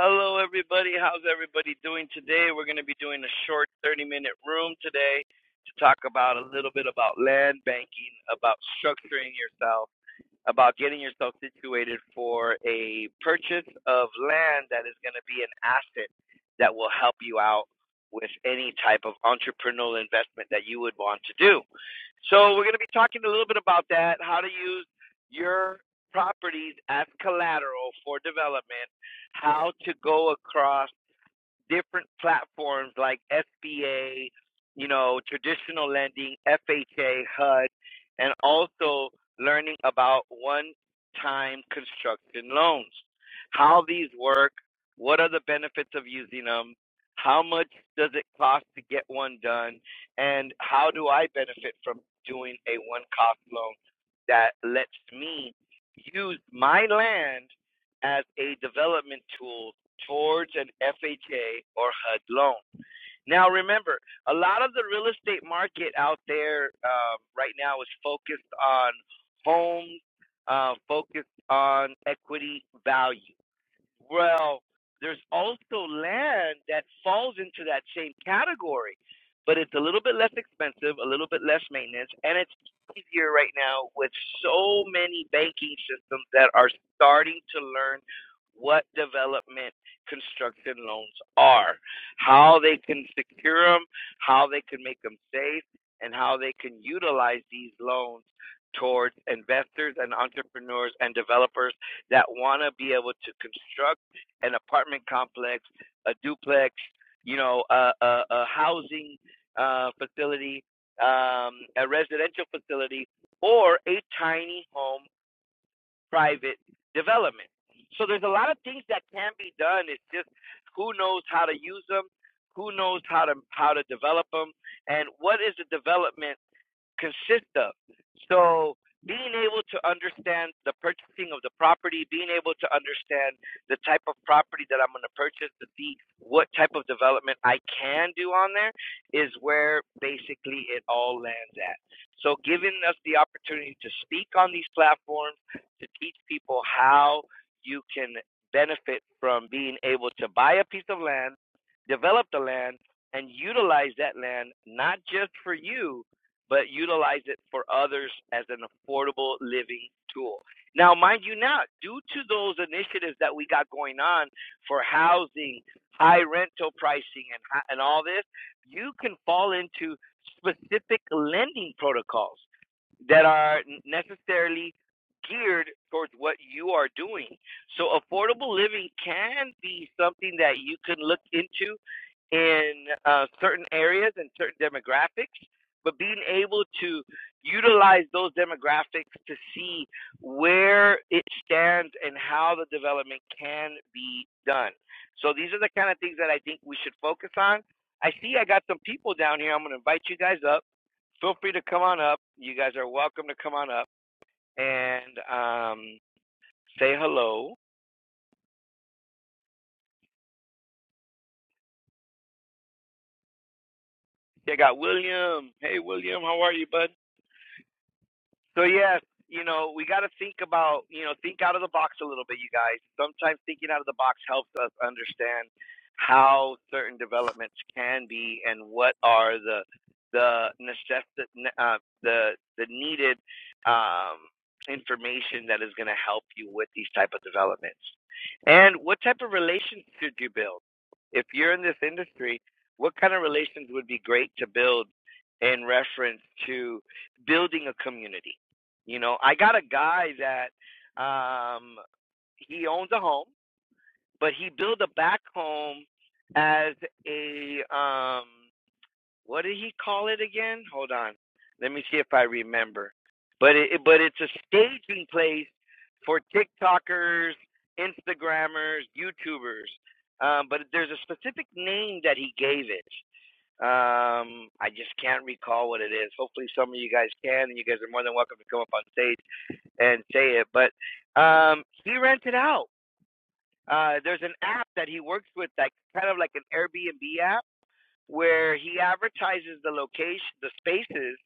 Hello, everybody. How's everybody doing today? We're going to be doing a short 30 minute room today to talk about a little bit about land banking, about structuring yourself about getting yourself situated for a purchase of land that is going to be an asset that will help you out with any type of entrepreneurial investment that you would want to do. So, we're going to be talking a little bit about that how to use your properties as collateral for development, how to go across different platforms like SBA, you know, traditional lending, FHA, HUD, and also learning about one-time construction loans, how these work, what are the benefits of using them, how much does it cost to get one done, and how do I benefit from doing a one-cost loan that lets me use my land as a development tool towards an FHA or HUD loan. Now, remember, a lot of the real estate market out there um, right now is focused on homes, uh, focused on equity value. Well, there's also land that falls into that same category, but it's a little bit less expensive, a little bit less maintenance, and it's easier right now with so many banking systems that are starting to learn what development construction loans are, how they can secure them, how they can make them safe, and how they can utilize these loans towards investors and entrepreneurs and developers that want to be able to construct an apartment complex, a duplex, you know, a, a, a housing uh, facility, um, a residential facility, or a tiny home private development. So there's a lot of things that can be done. It's just who knows how to use them, who knows how to how to develop them, and what is the development consist of. So being able to understand the purchasing of the property, being able to understand the type of property that I'm going to purchase to see what type of development I can do on there is where basically it all lands at. So giving us the opportunity to speak on these platforms to teach people how you can benefit from being able to buy a piece of land, develop the land, and utilize that land not just for you, but utilize it for others as an affordable living tool. Now, mind you, now, due to those initiatives that we got going on for housing, high rental pricing, and, and all this, you can fall into specific lending protocols that are necessarily geared towards what you are doing. So, affordable living can be something that you can look into in uh, certain areas and certain demographics but being able to utilize those demographics to see where it stands and how the development can be done. So these are the kind of things that I think we should focus on. I see I got some people down here. I'm going to invite you guys up. Feel free to come on up. You guys are welcome to come on up and um, say hello. I got William. Hey, William, how are you, bud? So yes, you know, we got to think about, you know, think out of the box a little bit, you guys. Sometimes thinking out of the box helps us understand how certain developments can be and what are the the necess- uh, the the needed um, information that is going to help you with these type of developments. And what type of relations should you build? If you're in this industry, what kind of relations would be great to build in reference to building a community? You know, I got a guy that um he owns a home, but he built a back home as a um what did he call it again? Hold on. Let me see if I remember. But it but it's a staging place for TikTokers, Instagrammers, YouTubers. Um but there's a specific name that he gave it. Um I just can't recall what it is. Hopefully some of you guys can and you guys are more than welcome to come up on stage and say it, but um, he rented out. Uh, there's an app that he works with, like kind of like an Airbnb app, where he advertises the location, the spaces,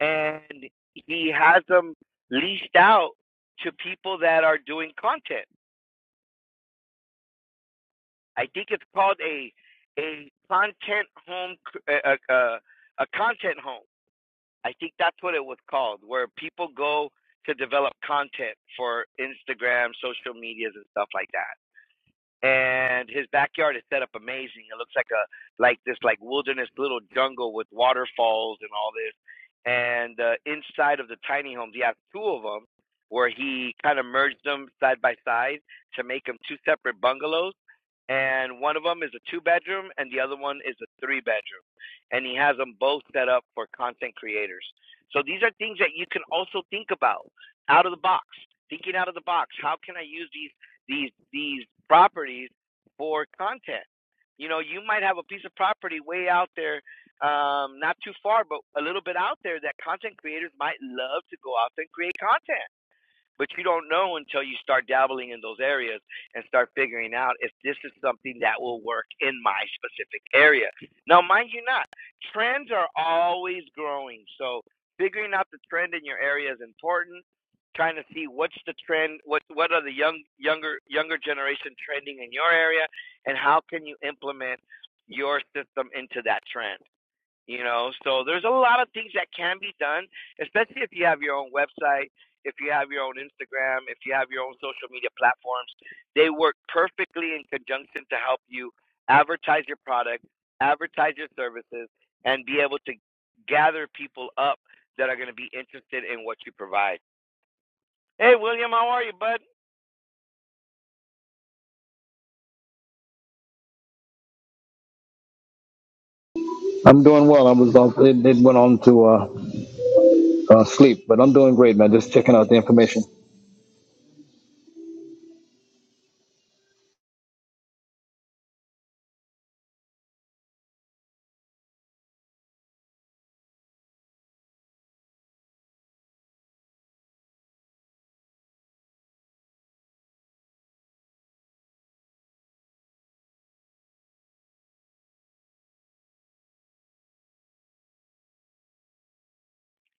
and he has them leased out to people that are doing content. I think it's called a a content home, a, a a content home. I think that's what it was called, where people go to develop content for Instagram, social medias, and stuff like that. and his backyard is set up amazing. It looks like a like this like wilderness little jungle with waterfalls and all this. And uh, inside of the tiny homes, he has two of them where he kind of merged them side by side to make them two separate bungalows. And one of them is a two bedroom, and the other one is a three bedroom. And he has them both set up for content creators. So these are things that you can also think about out of the box, thinking out of the box. How can I use these? these these properties for content. You know, you might have a piece of property way out there, um, not too far, but a little bit out there that content creators might love to go out and create content. But you don't know until you start dabbling in those areas and start figuring out if this is something that will work in my specific area. Now, mind you, not trends are always growing. So figuring out the trend in your area is important. Trying to see what's the trend, what what are the young younger younger generation trending in your area, and how can you implement your system into that trend. You know, so there's a lot of things that can be done, especially if you have your own website, if you have your own Instagram, if you have your own social media platforms. They work perfectly in conjunction to help you advertise your product, advertise your services, and be able to gather people up that are going to be interested in what you provide. Hey, William, how are you, bud? I'm doing well. I was off, it, it went on to uh, uh, sleep, but I'm doing great, man. Just checking out the information.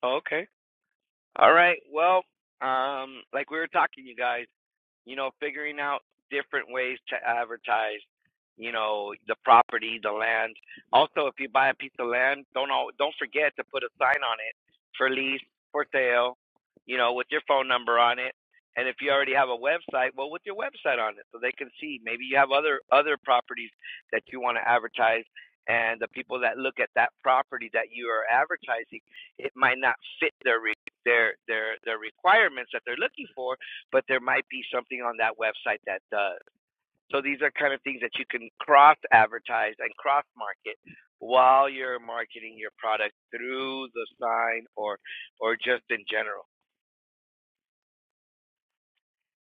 Okay. All right. Well, um, like we were talking, you guys. you know, figuring out different ways to advertise, you know, the property, the land. Also, if you buy a piece of land, don't all, don't forget to put a sign on it for lease, for sale, you know, with your phone number on it. And if you already have a website, well, with your website on it, so they can see. Maybe you have other other properties that you want to advertise, and the people that look at that property that you are advertising, it might not fit their re- their their their requirements that they're looking for but there might be something on that website that does. So these are kind of things that you can cross advertise and cross market while you're marketing your product through the sign or or just in general.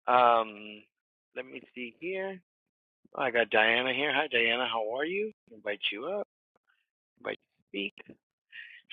Um, let me see here. Oh, I got Diana here. Hi Diana, how are you? Invite you up. Invite you to speak.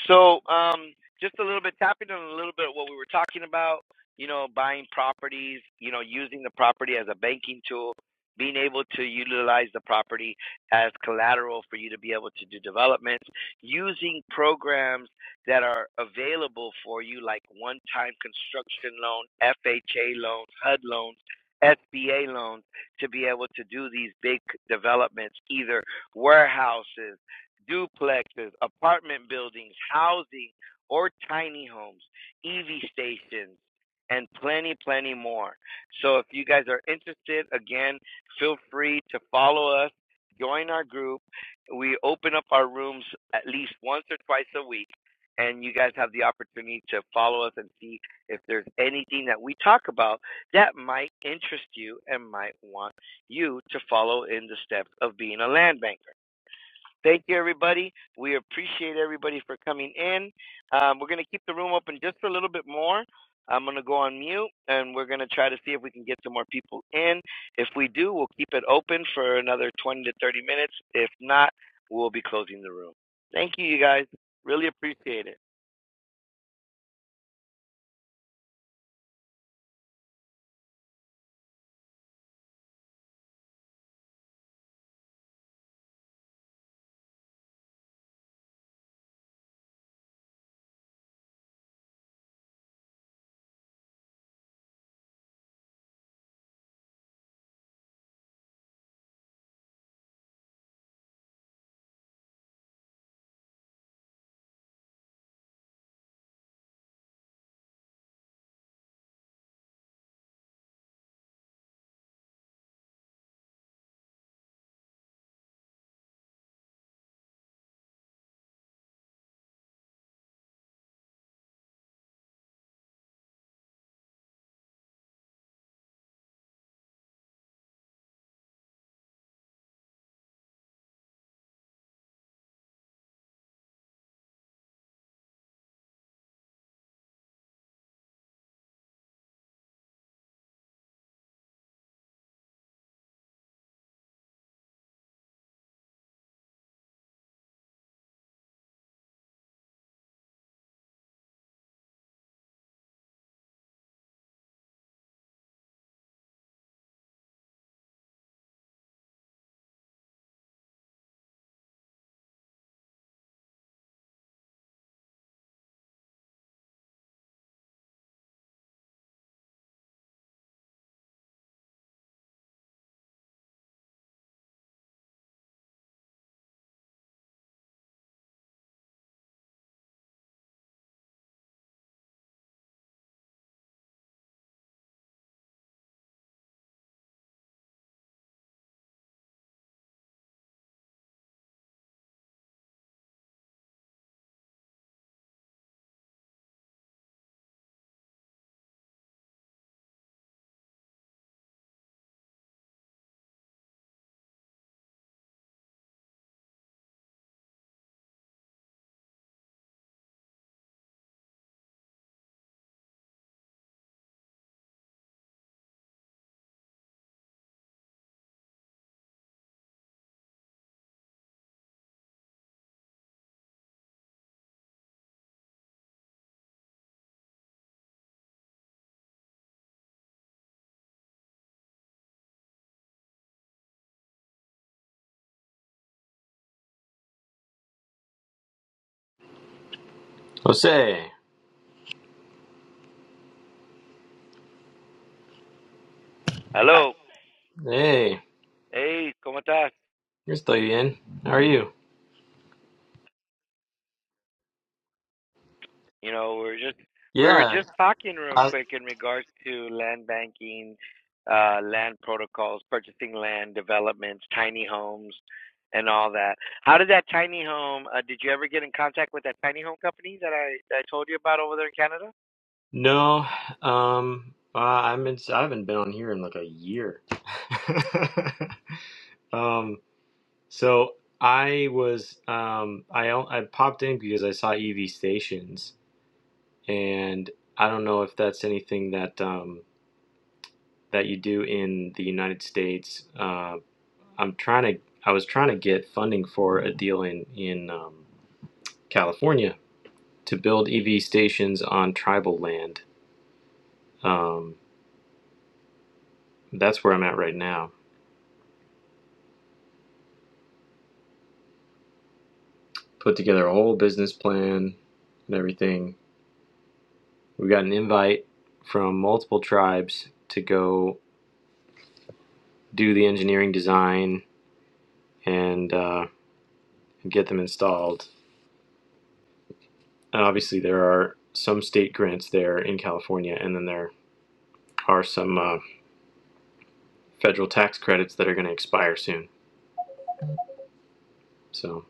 So, um, just a little bit tapping on a little bit of what we were talking about, you know, buying properties, you know, using the property as a banking tool, being able to utilize the property as collateral for you to be able to do developments, using programs that are available for you, like one time construction loan, FHA loans, HUD loans. SBA loans to be able to do these big developments, either warehouses duplexes, apartment buildings, housing, or tiny homes, EV stations, and plenty, plenty more. So if you guys are interested, again, feel free to follow us, join our group. We open up our rooms at least once or twice a week. And you guys have the opportunity to follow us and see if there's anything that we talk about that might interest you and might want you to follow in the steps of being a land banker. Thank you, everybody. We appreciate everybody for coming in. Um, we're going to keep the room open just for a little bit more. I'm going to go on mute and we're going to try to see if we can get some more people in. If we do, we'll keep it open for another 20 to 30 minutes. If not, we'll be closing the room. Thank you, you guys. Really appreciate it. Jose, Hello. hey, Hey, ¿cómo estás? you're still in. How are you? You know, we were just we were Yeah, just talking real I quick in regards to land banking, uh, land protocols, purchasing land, developments, tiny homes, and all that. How did that tiny home? Uh, did you ever get in contact with that tiny home company that I that I told you about over there in Canada? no, um, uh, I'm in, I haven't been on here in like a year. um, so I was, um, I o- I popped in because I saw EV stations, and I don't know if that's anything that um that you do in the United States. Uh, I'm trying to, I was trying to get funding for a deal in in um, California to build EV stations on tribal land. Um, that's where I'm at right now. Put together a whole business plan and everything. We got an invite from multiple tribes to go do the engineering design and uh, get them installed. And obviously, there are some state grants there in California, and then there are some uh, federal tax credits that are going to expire soon. So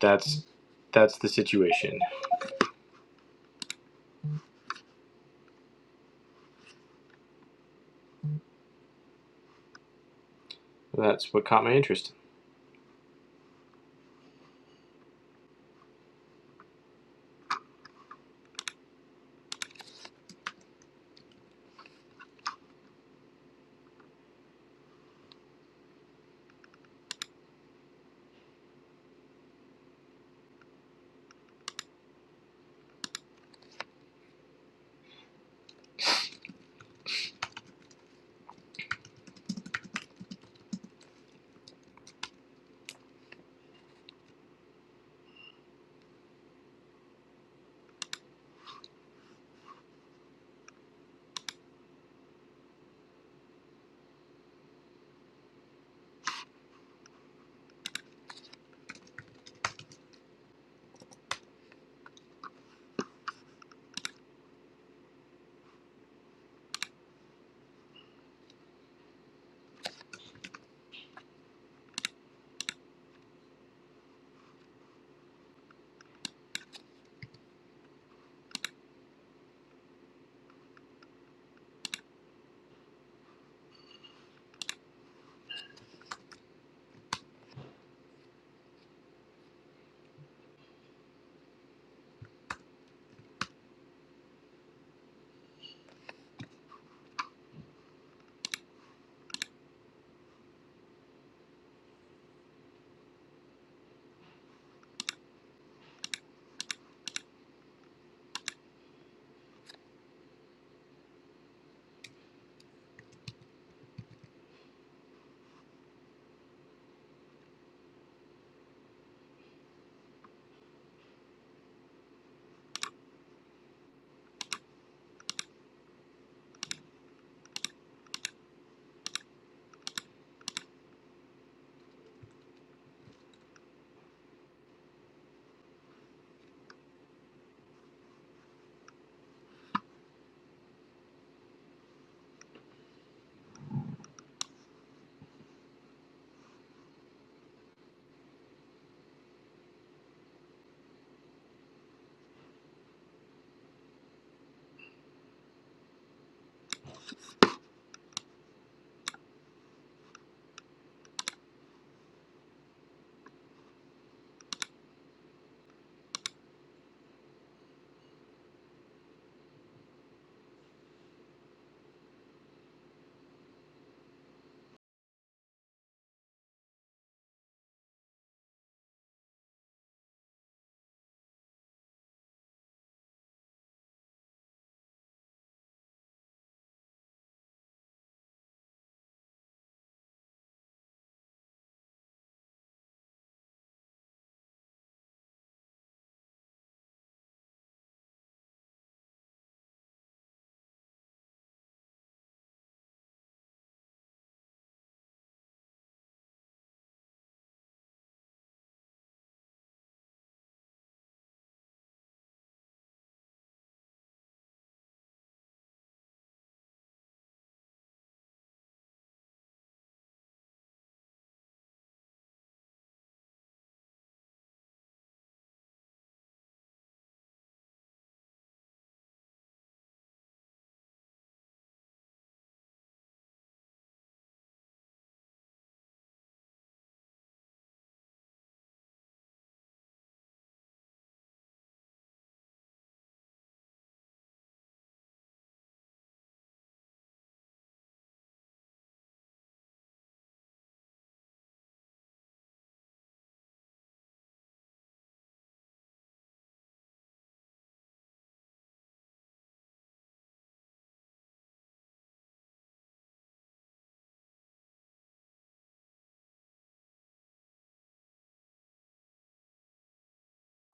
that's that's the situation. That's what caught my interest.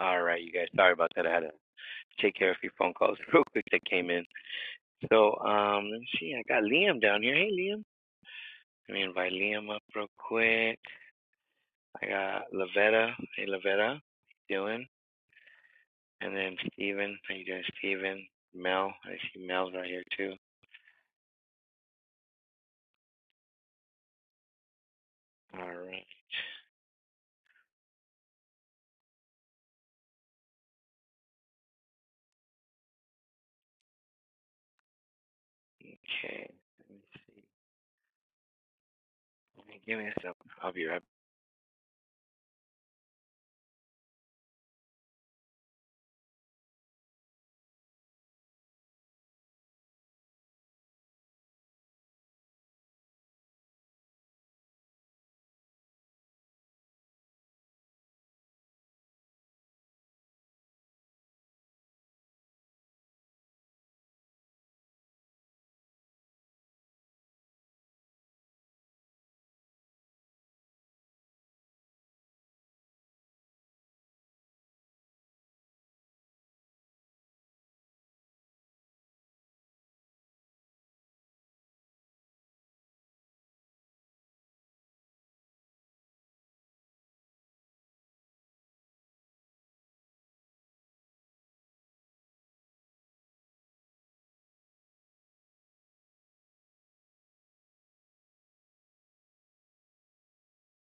All right, you guys. Sorry about that. I had to take care of a few phone calls real quick that came in. So um, let me see. I got Liam down here. Hey, Liam. Let me invite Liam up real quick. I got Lavetta. Hey, Lavetta. How you Doing. And then Steven, how you doing, Steven? Mel, I see Mel's right here too. All right, okay. Let me see. Give me a second. I'll be right back.